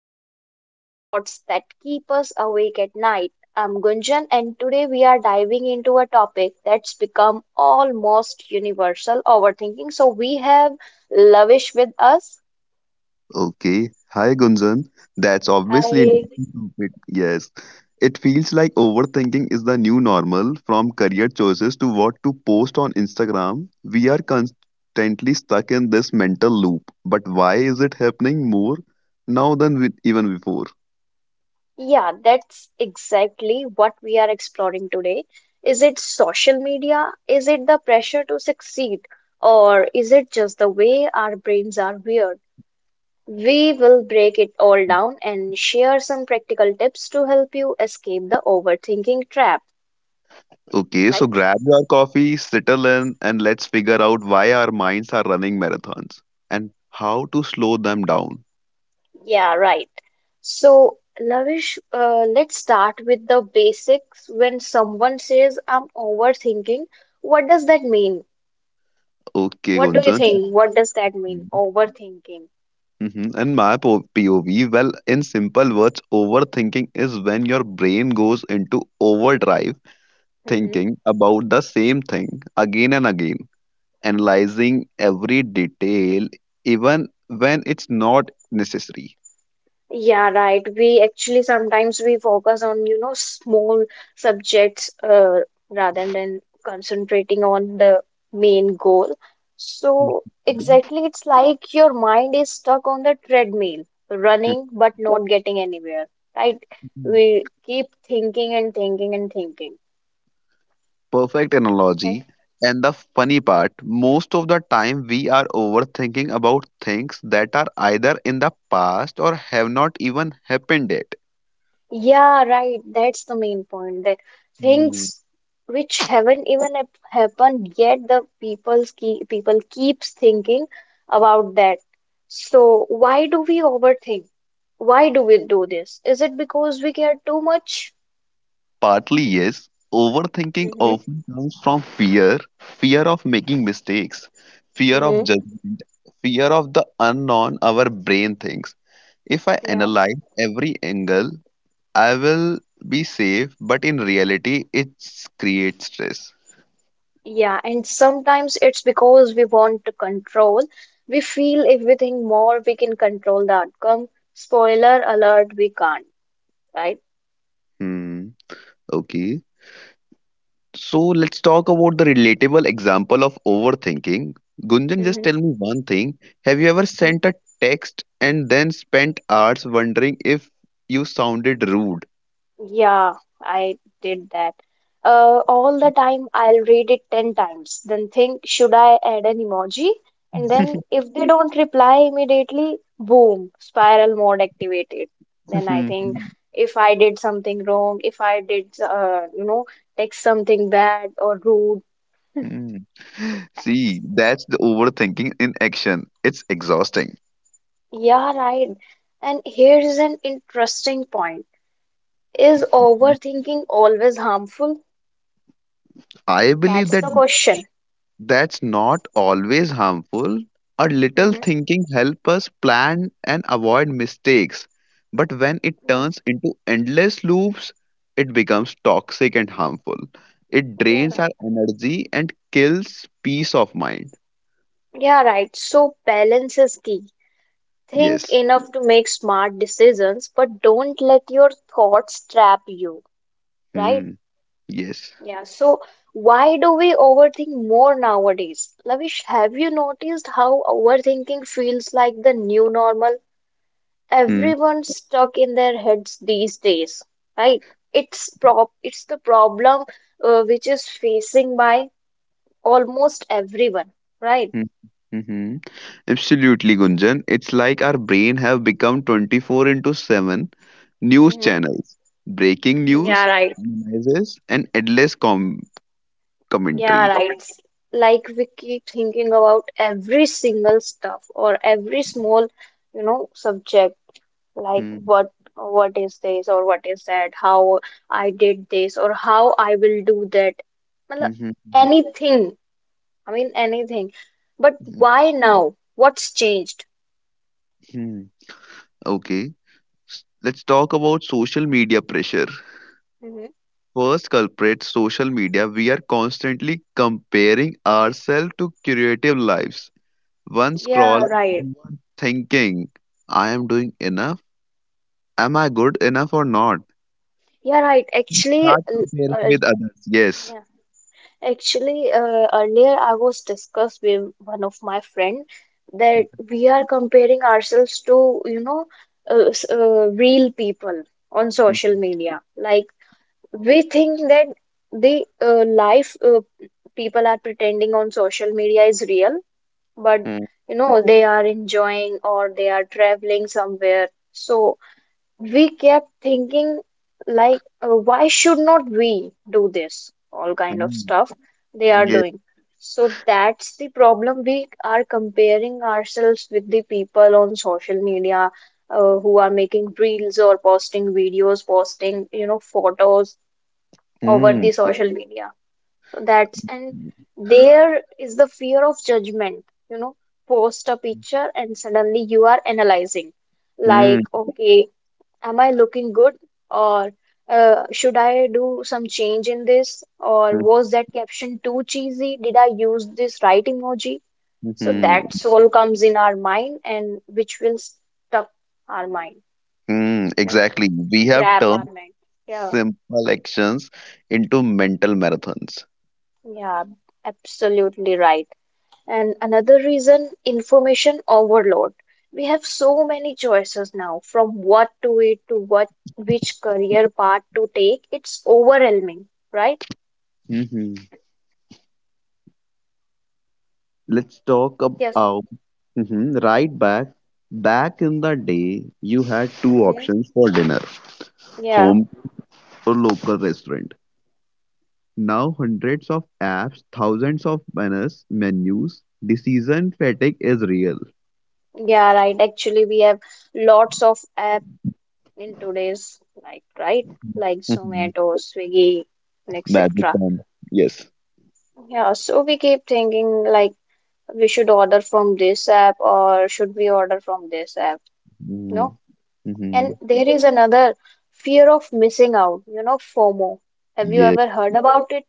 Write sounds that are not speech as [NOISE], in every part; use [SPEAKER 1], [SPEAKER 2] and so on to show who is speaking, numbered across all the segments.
[SPEAKER 1] untangle the thoughts that keep us awake at night. I'm Gunjan, and today we are diving into a topic that's become almost universal overthinking. So, we have Lavish with us.
[SPEAKER 2] Okay. Hi, Gunjan. That's obviously
[SPEAKER 1] Hi.
[SPEAKER 2] interesting topic. Yes. It feels like overthinking is the new normal from career choices to what to post on Instagram. We are constantly stuck in this mental loop. But why is it happening more now than with even before?
[SPEAKER 1] Yeah, that's exactly what we are exploring today. Is it social media? Is it the pressure to succeed? Or is it just the way our brains are wired? We will break it all down and share some practical tips to help you escape the overthinking trap,
[SPEAKER 2] Okay, so
[SPEAKER 1] right?
[SPEAKER 2] grab your coffee, settle in, and let's figure out why our minds are running marathons and how to slow them down.
[SPEAKER 1] Yeah, right. So, Lavish, let's start with the basics. When someone says, I'm overthinking, what does that mean?
[SPEAKER 2] Okay,
[SPEAKER 1] What do you
[SPEAKER 2] Gunjan.
[SPEAKER 1] think? What does that mean? Overthinking.
[SPEAKER 2] Mhm. POV, well, in simple words, overthinking is when your brain goes into overdrive,
[SPEAKER 1] Mm-hmm.
[SPEAKER 2] thinking about the same thing again and again, analyzing every detail, even when it's not necessary.
[SPEAKER 1] Yeah, right. We actually sometimes we focus on, you know, small subjects rather than concentrating on the main goal. So
[SPEAKER 2] Mhm.
[SPEAKER 1] exactly, it's like your mind is stuck on the treadmill, running but not getting anywhere, right?
[SPEAKER 2] Mhm. [LAUGHS]
[SPEAKER 1] We keep thinking and thinking and thinking.
[SPEAKER 2] Perfect
[SPEAKER 1] Okay?
[SPEAKER 2] analogy. And the funny part, most of the time we are overthinking about things that are either in the past or have not even happened yet.
[SPEAKER 1] Yeah, right. That's the main point. That things which haven't even hap- happened yet, the people's keep, people keeps thinking about that. So why do we overthink? Why do we do this? Is it because we care too much?
[SPEAKER 2] Partly, yes. Overthinking
[SPEAKER 1] Hmm
[SPEAKER 2] often comes from fear, fear of making mistakes, fear of
[SPEAKER 1] hmm
[SPEAKER 2] judgment, fear of the unknown our brain thinks. If I
[SPEAKER 1] Yeah.
[SPEAKER 2] analyze every angle, I will be safe, but in reality, it creates stress.
[SPEAKER 1] Yeah. And sometimes it's because we want to control. We feel if we think more, we can control the outcome. Spoiler alert, we can't, right?
[SPEAKER 2] Hmm, okay. So let's talk about the relatable example of overthinking. Gunjan, just
[SPEAKER 1] hmm
[SPEAKER 2] tell me one thing. Have you ever sent a text and then spent hours wondering if you sounded rude?
[SPEAKER 1] Yeah, I did that. All the time, I'll read it 10 times, then think, should I add an emoji? And then, if they don't reply immediately, boom, spiral mode activated. Then I think,
[SPEAKER 2] [LAUGHS]
[SPEAKER 1] if I did something wrong, if I did, you know, text something bad or rude,
[SPEAKER 2] Hmm.
[SPEAKER 1] so
[SPEAKER 2] See,
[SPEAKER 1] that's,
[SPEAKER 2] that's the overthinking in action. It's exhausting.
[SPEAKER 1] yeah, right. And here is an interesting point. Is overthinking always harmful?
[SPEAKER 2] I believe
[SPEAKER 1] That's
[SPEAKER 2] that
[SPEAKER 1] the question.
[SPEAKER 2] that's not always harmful. A little
[SPEAKER 1] Mm-hmm.
[SPEAKER 2] thinking helps us plan and avoid mistakes. But when it turns into endless loops, it becomes toxic and harmful. It
[SPEAKER 1] Yeah,
[SPEAKER 2] drains
[SPEAKER 1] right.
[SPEAKER 2] our energy and kills peace of mind.
[SPEAKER 1] Yeah, right. So balance is key. Think
[SPEAKER 2] Yes.
[SPEAKER 1] enough to make smart decisions, but don't let your thoughts trap you, right?
[SPEAKER 2] Hmm. Yes.
[SPEAKER 1] Yeah. So why do we overthink more nowadays? Lavish, have you noticed how overthinking feels like the new normal?
[SPEAKER 2] Hmm.
[SPEAKER 1] Everyone's stuck in their heads these days, right? It's prop. It's the problem which is facing by almost everyone, right?
[SPEAKER 2] Hmm. Mm-hmm. Absolutely, Gunjan. It's like our brain have become 24 into 7 news
[SPEAKER 1] hmm
[SPEAKER 2] channels, breaking
[SPEAKER 1] Yeah,
[SPEAKER 2] news,
[SPEAKER 1] right.
[SPEAKER 2] analysis, and endless
[SPEAKER 1] Yeah,
[SPEAKER 2] commentary.
[SPEAKER 1] right. Like we keep thinking about every single stuff or every small, you know, subject. Like
[SPEAKER 2] Hmm.
[SPEAKER 1] what is this or what is that? How I did this or how I will do that.
[SPEAKER 2] Hmm.
[SPEAKER 1] Matlab,
[SPEAKER 2] Hmm.
[SPEAKER 1] anything. I mean anything. But
[SPEAKER 2] Hmm.
[SPEAKER 1] why now? What's changed?
[SPEAKER 2] Hmm. Okay, let's talk about social media pressure.
[SPEAKER 1] Hmm
[SPEAKER 2] First culprit, social media. We are constantly comparing ourselves to creative lives. One
[SPEAKER 1] Yeah,
[SPEAKER 2] scroll,
[SPEAKER 1] right.
[SPEAKER 2] you are thinking, I am doing enough. Am I good enough or not?
[SPEAKER 1] Yeah, right.
[SPEAKER 2] You
[SPEAKER 1] Actually,
[SPEAKER 2] start comparing with others. Yes.
[SPEAKER 1] yeah. Actually, earlier I was discussed with one of my friend that we are comparing ourselves to, you know, real people on
[SPEAKER 2] [LAUGHS]
[SPEAKER 1] social
[SPEAKER 2] Mhm,
[SPEAKER 1] media. Like we think that the life people are pretending on social media is real, but
[SPEAKER 2] mhm,
[SPEAKER 1] you know, they are enjoying or they are traveling somewhere. So we kept thinking like why should not we do this all kind of
[SPEAKER 2] mhm.
[SPEAKER 1] stuff they are
[SPEAKER 2] Yeah.
[SPEAKER 1] doing. So that's the problem. We are comparing ourselves with the people on social media who are making reels or posting videos, posting, you know, photos over
[SPEAKER 2] Mm,
[SPEAKER 1] the social media. So that's. And there is the fear of judgment, you know. Post a picture and suddenly you are analyzing,
[SPEAKER 2] mhm,
[SPEAKER 1] like, okay, am I looking good? Or should I do some change in this? Or
[SPEAKER 2] mhm,
[SPEAKER 1] was that caption too cheesy? Did I use this right emoji? So
[SPEAKER 2] mhm.
[SPEAKER 1] that's all comes in our mind and which will stuck our mind,
[SPEAKER 2] Hmm,
[SPEAKER 1] you know,
[SPEAKER 2] exactly. We have
[SPEAKER 1] grab our
[SPEAKER 2] turned
[SPEAKER 1] mind. Yeah,
[SPEAKER 2] simple actions into mental marathons.
[SPEAKER 1] yeah, absolutely right. And another reason, information overload. We have so many choices now, from what to eat to what which career path to take. It's overwhelming, right?
[SPEAKER 2] Hmm. Let's talk
[SPEAKER 1] Yes.
[SPEAKER 2] about mhm, right back. Back in the day, you had two
[SPEAKER 1] hmm
[SPEAKER 2] options for dinner,
[SPEAKER 1] Yeah,
[SPEAKER 2] home or local restaurant. Now, hundreds of apps, thousands of banners, menus, decision fatigue is real.
[SPEAKER 1] yeah, right. Actually, we have lots of app in today's life, right? Like
[SPEAKER 2] Hmm.
[SPEAKER 1] Zomato, Swiggy, and
[SPEAKER 2] Magic
[SPEAKER 1] etc.
[SPEAKER 2] time. Yes.
[SPEAKER 1] Yeah, so we keep thinking like we should order from this app or should we order from this app, you
[SPEAKER 2] Hmm.
[SPEAKER 1] know? And
[SPEAKER 2] Hmm.
[SPEAKER 1] there is another fear of missing out, you know, FOMO. Have you
[SPEAKER 2] Yes.
[SPEAKER 1] ever heard about it?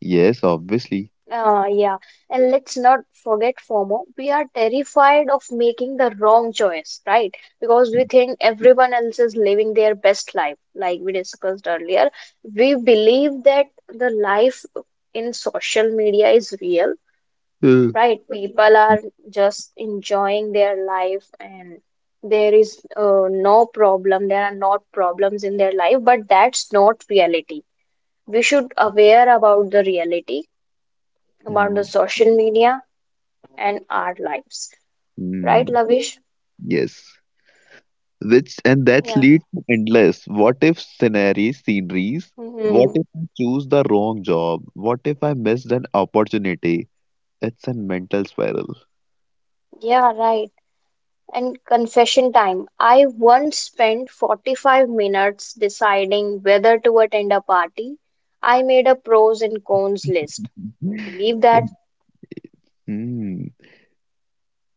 [SPEAKER 2] Yes, obviously.
[SPEAKER 1] Uh, yeah, and let's not forget FOMO. We are terrified of making the wrong choice, right? Because we think everyone else is living their best life, like we discussed earlier. We believe that the life in social media is real,
[SPEAKER 2] Mm.
[SPEAKER 1] right? People are just enjoying their life and there is no problem, there are not problems in their life, but that's not reality. We should aware about the reality, about the social media and our lives. Right,
[SPEAKER 2] Mm,
[SPEAKER 1] Lavish?
[SPEAKER 2] yes, which and that's
[SPEAKER 1] Yeah.
[SPEAKER 2] lead to endless what if sceneries.
[SPEAKER 1] hmm
[SPEAKER 2] What if I choose the wrong job? What if I missed an opportunity? It's a mental spiral.
[SPEAKER 1] Yeah, right. And confession time. I once spent 45 minutes deciding whether to attend a party. I made a pros and cons list. You believe that?
[SPEAKER 2] [LAUGHS] Hmm.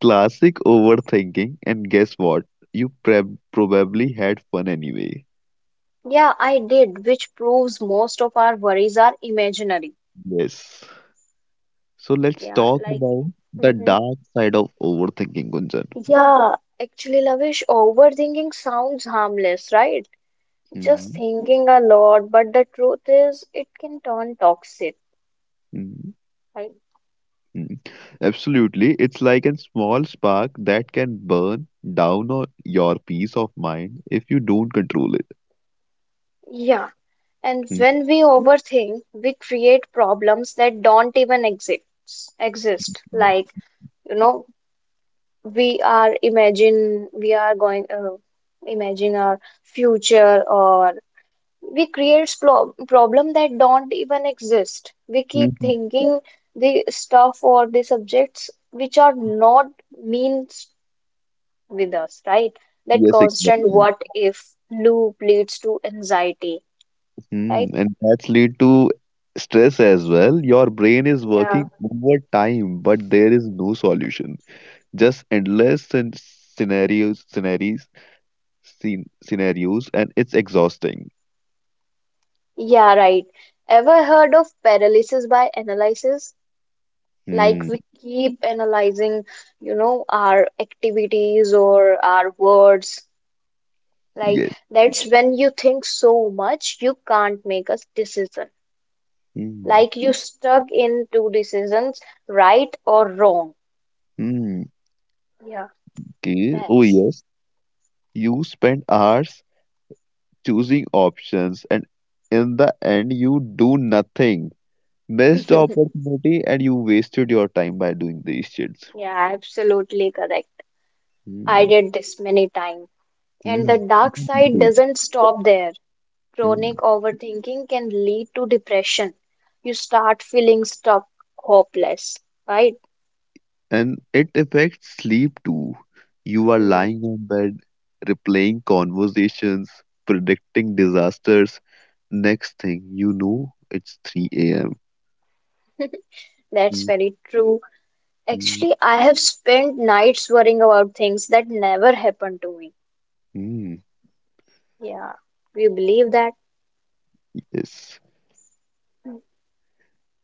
[SPEAKER 2] Classic overthinking, and guess what? You probably had fun anyway.
[SPEAKER 1] Yeah, I did, which proves most of our worries are imaginary.
[SPEAKER 2] Yes. So let's
[SPEAKER 1] Yeah,
[SPEAKER 2] talk
[SPEAKER 1] like,
[SPEAKER 2] about the
[SPEAKER 1] hmm
[SPEAKER 2] dark side of overthinking, Gunjan.
[SPEAKER 1] yeah, actually, Lavish, overthinking sounds harmless, right? Just
[SPEAKER 2] Hmm.
[SPEAKER 1] thinking a lot, but the truth is, it can turn toxic.
[SPEAKER 2] Hmm.
[SPEAKER 1] Right.
[SPEAKER 2] Mm, absolutely. It's like a small spark that can burn down on your peace of mind if you don't control it.
[SPEAKER 1] Yeah, and
[SPEAKER 2] Mm,
[SPEAKER 1] when we overthink, we create problems that don't even exist. Exist like, you know, we are imagine we are going imagine our future, or we create problem that don't even exist. We
[SPEAKER 2] mm,
[SPEAKER 1] keep
[SPEAKER 2] mm.
[SPEAKER 1] thinking the stuff or the subjects which are not means with us, right? That
[SPEAKER 2] Yes,
[SPEAKER 1] constant
[SPEAKER 2] exactly.
[SPEAKER 1] what if loop leads to anxiety, right?
[SPEAKER 2] Mm, and that's lead to stress as well. Your brain is
[SPEAKER 1] Yeah.
[SPEAKER 2] working overtime, but there is no solution. Just endless scenarios, and it's exhausting.
[SPEAKER 1] Yeah, right. Ever heard of paralysis by analysis? Like
[SPEAKER 2] Mm,
[SPEAKER 1] we keep analyzing, you know, our activities or our words. Like
[SPEAKER 2] yes.
[SPEAKER 1] that's when you think so much you can't make a decision.
[SPEAKER 2] Mm,
[SPEAKER 1] Like you stuck in two decisions, right or wrong.
[SPEAKER 2] mm,
[SPEAKER 1] Yeah,
[SPEAKER 2] okay. Oh,
[SPEAKER 1] that's.
[SPEAKER 2] yes. You spend hours choosing options and in the end you do nothing. Missed
[SPEAKER 1] [LAUGHS]
[SPEAKER 2] opportunity and you wasted your time by doing these shits.
[SPEAKER 1] Yeah, absolutely correct. I
[SPEAKER 2] Hmm.
[SPEAKER 1] did this many times. And the
[SPEAKER 2] Hmm.
[SPEAKER 1] dark side
[SPEAKER 2] Mhm.
[SPEAKER 1] doesn't stop there. Chronic
[SPEAKER 2] Mm.
[SPEAKER 1] overthinking can lead to depression. You start feeling stuck, hopeless, right?
[SPEAKER 2] And it affects sleep too. You are
[SPEAKER 1] hmm
[SPEAKER 2] lying on bed, replaying conversations, predicting disasters. Next thing you know, it's 3 a.m.
[SPEAKER 1] [LAUGHS] That's
[SPEAKER 2] Mm,
[SPEAKER 1] very true.
[SPEAKER 2] mm,
[SPEAKER 1] Actually, I have spent nights worrying about things that never happened to me.
[SPEAKER 2] mm.
[SPEAKER 1] Yeah. Do you believe that?
[SPEAKER 2] Yes.
[SPEAKER 1] Mm.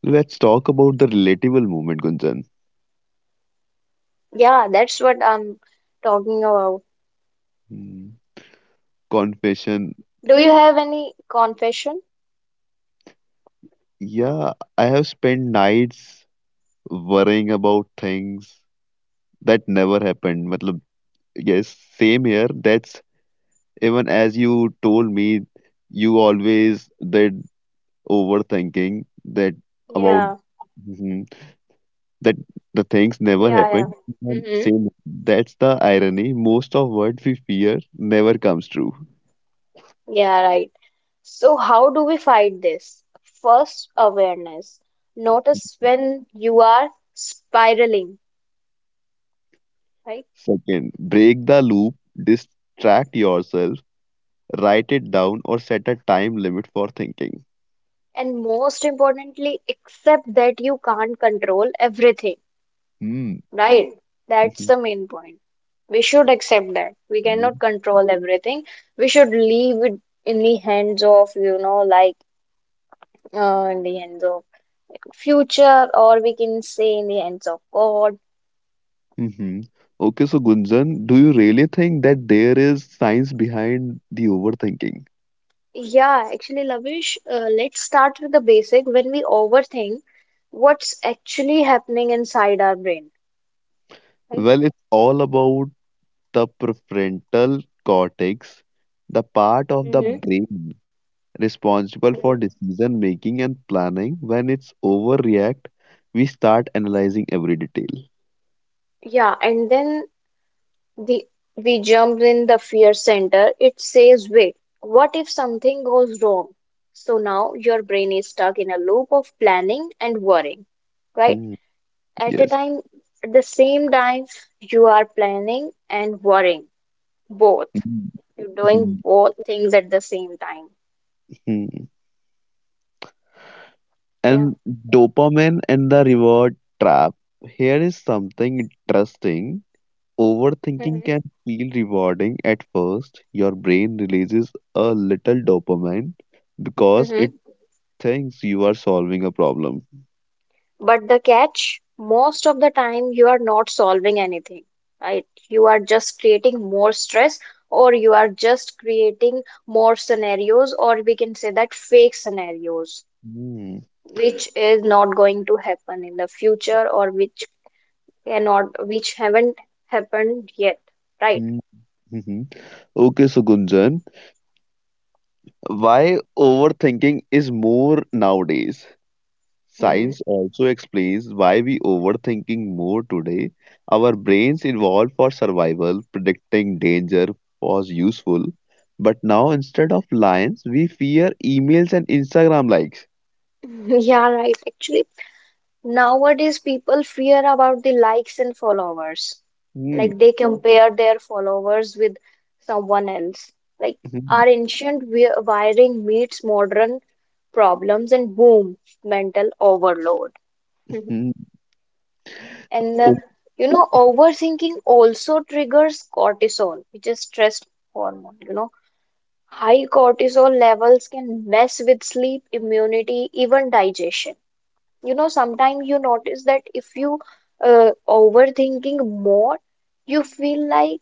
[SPEAKER 2] Let's talk about the relatable moment, Gunjan.
[SPEAKER 1] Yeah, that's what I'm talking about.
[SPEAKER 2] Mm. Confession.
[SPEAKER 1] Do you have any confession?
[SPEAKER 2] Yeah, I have spent nights worrying about things that never happened. Matlab, yes, same here. That's even as you told me, you always did overthinking that about
[SPEAKER 1] Yeah.
[SPEAKER 2] mhm, that the things never
[SPEAKER 1] Yeah,
[SPEAKER 2] happened. And
[SPEAKER 1] yeah. [LAUGHS]
[SPEAKER 2] same, that's the irony. Most of what we fear never comes true.
[SPEAKER 1] Yeah, right. So, how do we fight this? First, awareness. Notice when you are spiraling, right?
[SPEAKER 2] Second, break the loop, distract yourself, write it down, or set a time limit for thinking.
[SPEAKER 1] And most importantly, accept that you can't control everything,
[SPEAKER 2] Hmm.
[SPEAKER 1] right? That's
[SPEAKER 2] Mhm.
[SPEAKER 1] the main point. We should accept that. We cannot
[SPEAKER 2] Mhm.
[SPEAKER 1] control everything. We should leave it in the hands of, you know, like in the hands of future, or we can say in the hands of God.
[SPEAKER 2] Mhm. Okay, so Gunjan, do you really think that there is science behind the overthinking?
[SPEAKER 1] Yeah, actually, Lavish, let's start with the basic. When we overthink, what's actually happening inside our brain, right?
[SPEAKER 2] Well, it's all about the prefrontal cortex, the part of the
[SPEAKER 1] Mm-hmm.
[SPEAKER 2] brain responsible for
[SPEAKER 1] hmm
[SPEAKER 2] decision making and planning. When it's overreact, we start analyzing every detail.
[SPEAKER 1] Yeah, and then the we jump in the fear center. It says, wait, what if something goes wrong? So now your brain is stuck in a loop of planning and worrying, right?
[SPEAKER 2] Hmm,
[SPEAKER 1] At a
[SPEAKER 2] yes.
[SPEAKER 1] time, at the same time, you are planning and worrying both.
[SPEAKER 2] Mhm,
[SPEAKER 1] You're doing
[SPEAKER 2] mhm,
[SPEAKER 1] both things at the same time.
[SPEAKER 2] mhm.
[SPEAKER 1] Yeah.
[SPEAKER 2] And dopamine and the reward trap. Here is something interesting. Overthinking
[SPEAKER 1] Mhm,
[SPEAKER 2] can feel rewarding at first. Your brain releases a little dopamine because it
[SPEAKER 1] mhm.
[SPEAKER 2] thinks you are solving a problem.
[SPEAKER 1] But the catch, most of the time you are not solving anything, right? You are just creating more stress, or you are just creating more scenarios, or we can say that fake scenarios,
[SPEAKER 2] Hmm,
[SPEAKER 1] which is not going to happen in the future, or which cannot, which haven't happened yet, right?
[SPEAKER 2] hmm, hmm, hmm. Okay, so Gunjan, why overthinking is more nowadays?
[SPEAKER 1] Mhm.
[SPEAKER 2] Science also explains why we overthinking more today. Our brains evolved for survival, predicting danger was useful, but now instead of lions, we fear emails and Instagram likes.
[SPEAKER 1] [LAUGHS] Yeah, right. Actually, nowadays, people fear about the likes and followers.
[SPEAKER 2] Mm,
[SPEAKER 1] Like they, hmm, compare their followers with someone else. Like
[SPEAKER 2] mhm,
[SPEAKER 1] our ancient wiring meets modern problems and boom, mental overload. [LAUGHS]
[SPEAKER 2] mhm.
[SPEAKER 1] And
[SPEAKER 2] Oh,
[SPEAKER 1] you know, overthinking also triggers cortisol, which is stress hormone. You know, high cortisol levels can mess with sleep, immunity, even digestion. You know, sometimes you notice that if you overthinking more, you feel like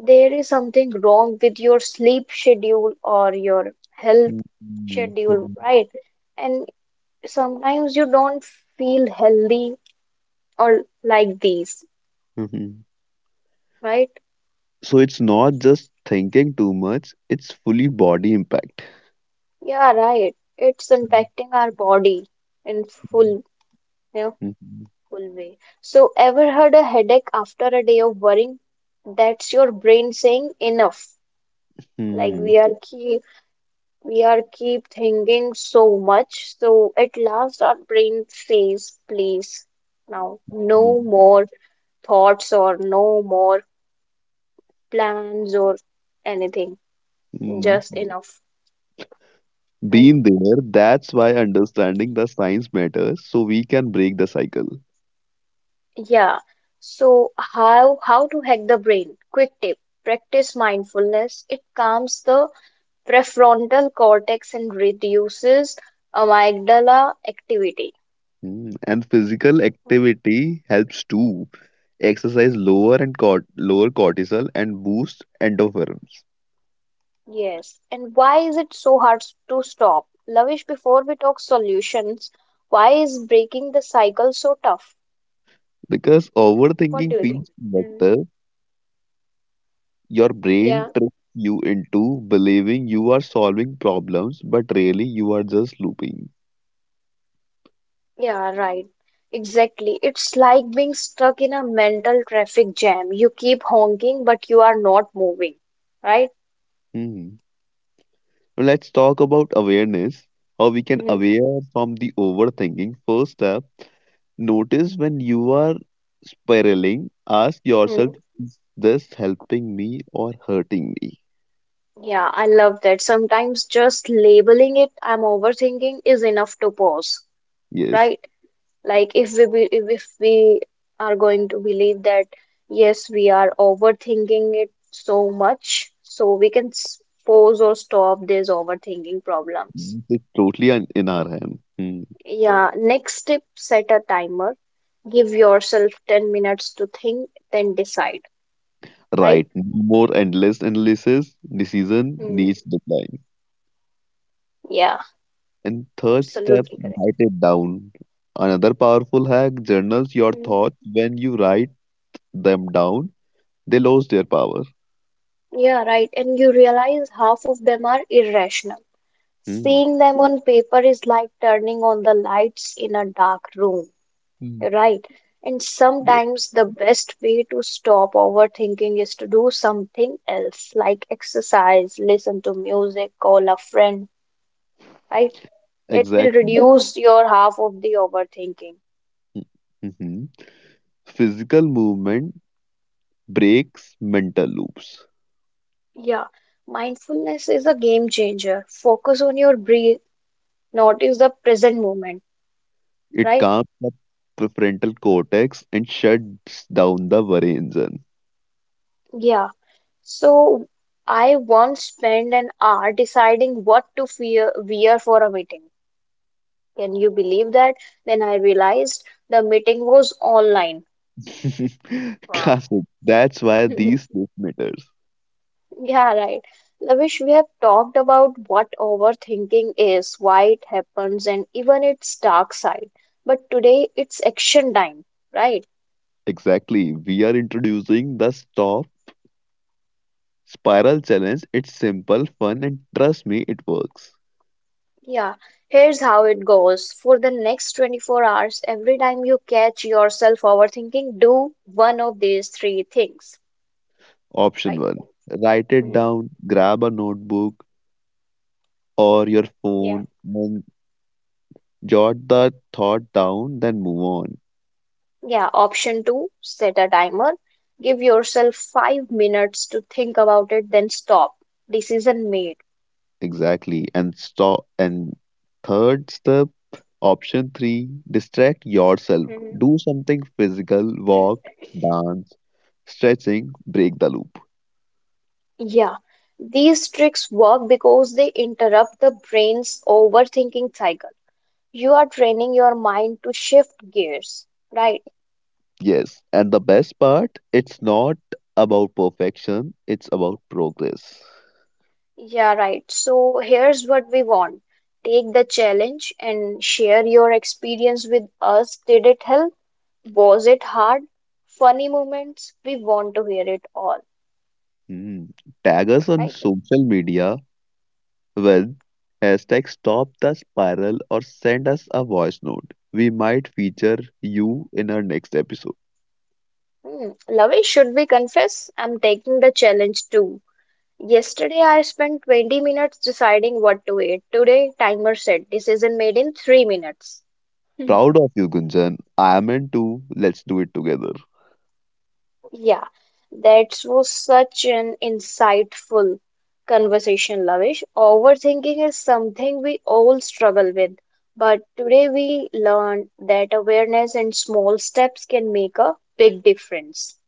[SPEAKER 1] there is something wrong with your sleep schedule or your health
[SPEAKER 2] mm,
[SPEAKER 1] schedule,
[SPEAKER 2] mhm,
[SPEAKER 1] right? And sometimes you don't feel healthy or like these,
[SPEAKER 2] mhm.
[SPEAKER 1] right?
[SPEAKER 2] So it's not just thinking too much, it's fully body impact.
[SPEAKER 1] Yeah, right. It's
[SPEAKER 2] Mm,
[SPEAKER 1] impacting our body in full, you know,
[SPEAKER 2] mhm,
[SPEAKER 1] full way. So, ever heard a headache after a day of worrying? That's your brain saying enough. Like
[SPEAKER 2] mhm,
[SPEAKER 1] we are keep. We are keep thinking so much, so at last our brain says, please, now no
[SPEAKER 2] mhm,
[SPEAKER 1] more thoughts or no more plans or anything, just
[SPEAKER 2] mhm.
[SPEAKER 1] enough, right?
[SPEAKER 2] Been there, that's why understanding the science matters, so we can break the cycle.
[SPEAKER 1] Yeah. So how to hack the brain? Quick tip. Practice mindfulness. It calms the prefrontal cortex and reduces amygdala activity.
[SPEAKER 2] Mm, and physical activity helps too. Exercise lower cortisol and boost endorphins.
[SPEAKER 1] Yes, and why is it so hard to stop? Lavish, before we talk solutions, why is breaking the cycle so tough?
[SPEAKER 2] Because
[SPEAKER 1] What do
[SPEAKER 2] overthinking
[SPEAKER 1] you think?
[SPEAKER 2] feels
[SPEAKER 1] Mm.
[SPEAKER 2] better your
[SPEAKER 1] Yeah,
[SPEAKER 2] brain tricks you into believing you are solving problems, but really you are just looping.
[SPEAKER 1] yeah, right. Exactly. It's like being stuck in a mental traffic jam. You keep honking, but you are not moving, right?
[SPEAKER 2] Hmm. Now let's talk about awareness. How we can
[SPEAKER 1] Mm.
[SPEAKER 2] aware from the overthinking. First step, notice when you are spiraling, ask yourself,
[SPEAKER 1] Mm.
[SPEAKER 2] is this helping me or hurting me?
[SPEAKER 1] Yeah, I love that. Sometimes just labeling it, I'm overthinking, is enough to pause,
[SPEAKER 2] Yes,
[SPEAKER 1] right? Like if if we are going to believe that yes we are overthinking it so much, so we can pause or stop these overthinking problems.
[SPEAKER 2] it's totally in our hand. Hmm.
[SPEAKER 1] Yeah, next tip, set a timer, give yourself 10 minutes to think, then decide, right?
[SPEAKER 2] Right, no more endless analysis, decision
[SPEAKER 1] Mm,
[SPEAKER 2] needs decline.
[SPEAKER 1] yeah,
[SPEAKER 2] And third step,
[SPEAKER 1] absolutely correct.
[SPEAKER 2] write it down. Another powerful hack, journals your
[SPEAKER 1] Mm,
[SPEAKER 2] thoughts. When you write them down, they lose their power.
[SPEAKER 1] yeah, right, and you realize half of them are irrational.
[SPEAKER 2] Hmm.
[SPEAKER 1] Seeing them on paper is like turning on the lights in a dark room.
[SPEAKER 2] Hmm.
[SPEAKER 1] Right. And
[SPEAKER 2] Yeah,
[SPEAKER 1] sometimes the best way to stop overthinking is to do something else, like exercise, listen to music, call a friend, right? It will
[SPEAKER 2] exactly.
[SPEAKER 1] reduce your half of the overthinking.
[SPEAKER 2] Mm-hmm. Physical movement breaks mental loops.
[SPEAKER 1] Yeah. Mindfulness is a game changer. Focus on your breath, notice the present moment,
[SPEAKER 2] It
[SPEAKER 1] right?
[SPEAKER 2] calms the prefrontal cortex and shuts down the worry engine.
[SPEAKER 1] Yeah. So I once spent an hour deciding what to wear for a meeting. Can you believe that? Then I realized the meeting was online.
[SPEAKER 2] [LAUGHS]
[SPEAKER 1] Wow.
[SPEAKER 2] Classic. That's why these
[SPEAKER 1] [LAUGHS]
[SPEAKER 2] days matters.
[SPEAKER 1] Yeah, right. Lavish, we have talked about what overthinking is, why it happens, and even its dark side. But today it's action time, right?
[SPEAKER 2] Exactly. We are introducing the stop spiral challenge, it's simple, fun, and trust me, it works.
[SPEAKER 1] Yeah. Here's how it goes. For the next 24 hours, every time you catch yourself overthinking, do one of these three things,
[SPEAKER 2] Option
[SPEAKER 1] right?
[SPEAKER 2] 1, write it
[SPEAKER 1] Mm.
[SPEAKER 2] down, grab a notebook or your
[SPEAKER 1] Yeah.
[SPEAKER 2] phone, and jot the thought down, then move on.
[SPEAKER 1] Yeah, option two, set a timer. Give yourself 5 minutes to think about it, then stop. Decision made.
[SPEAKER 2] Exactly. And stop. And third step, option 3, distract yourself.
[SPEAKER 1] Mhm.
[SPEAKER 2] Do something physical, walk, dance, stretching, break the loop.
[SPEAKER 1] Yeah, these tricks work because they interrupt the brain's overthinking cycle. You are training your mind to shift gears, right?
[SPEAKER 2] Yes. And the best part, it's not about perfection, it's about progress.
[SPEAKER 1] Yeah, right. So here's what we want. Take the challenge and share your experience with us. Did it help? Was it hard? Funny moments? We want to hear it all,
[SPEAKER 2] Hmm. Tag us
[SPEAKER 1] right?
[SPEAKER 2] on social media with hashtag stop the spiral or send us a voice note. We might feature you in our next episode.
[SPEAKER 1] Hmm, Lavesh, should we confess? I'm taking the challenge too. Yesterday, I spent 20 minutes deciding what to eat. Today, timer said decision made in 3 minutes. Hmm.
[SPEAKER 2] Proud of you, Gunjan. I am in too. Let's do it together.
[SPEAKER 1] Yeah, that was such an insightful conversation, Lavish. Overthinking is something we all struggle with, but today we learned that awareness and small steps can make a big difference,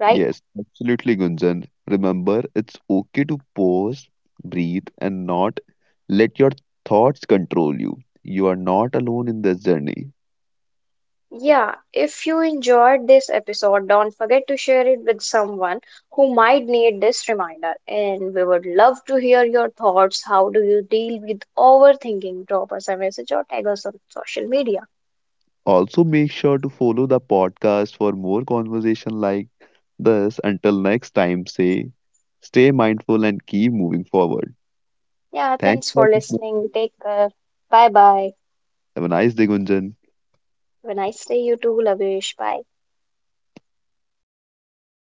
[SPEAKER 1] right?
[SPEAKER 2] Yes, absolutely, Gunjan. Remember, it's okay to pause, breathe, and not let your thoughts control you. You are not alone in this journey.
[SPEAKER 1] Yeah, if you enjoyed this episode, don't forget to share it with someone who might need this reminder. And we would love to hear your thoughts. How do you deal with overthinking? Drop us a message or tag us on social media.
[SPEAKER 2] Also, make sure to follow the podcast for more conversation like this. Until next time, say stay mindful and keep moving forward.
[SPEAKER 1] Yeah,
[SPEAKER 2] Thanks
[SPEAKER 1] thanks
[SPEAKER 2] for
[SPEAKER 1] for
[SPEAKER 2] listening.
[SPEAKER 1] listening. Take care. Bye bye.
[SPEAKER 2] Have a nice day, Gunjan.
[SPEAKER 1] Have a nice day, you too, Lavish. Bye.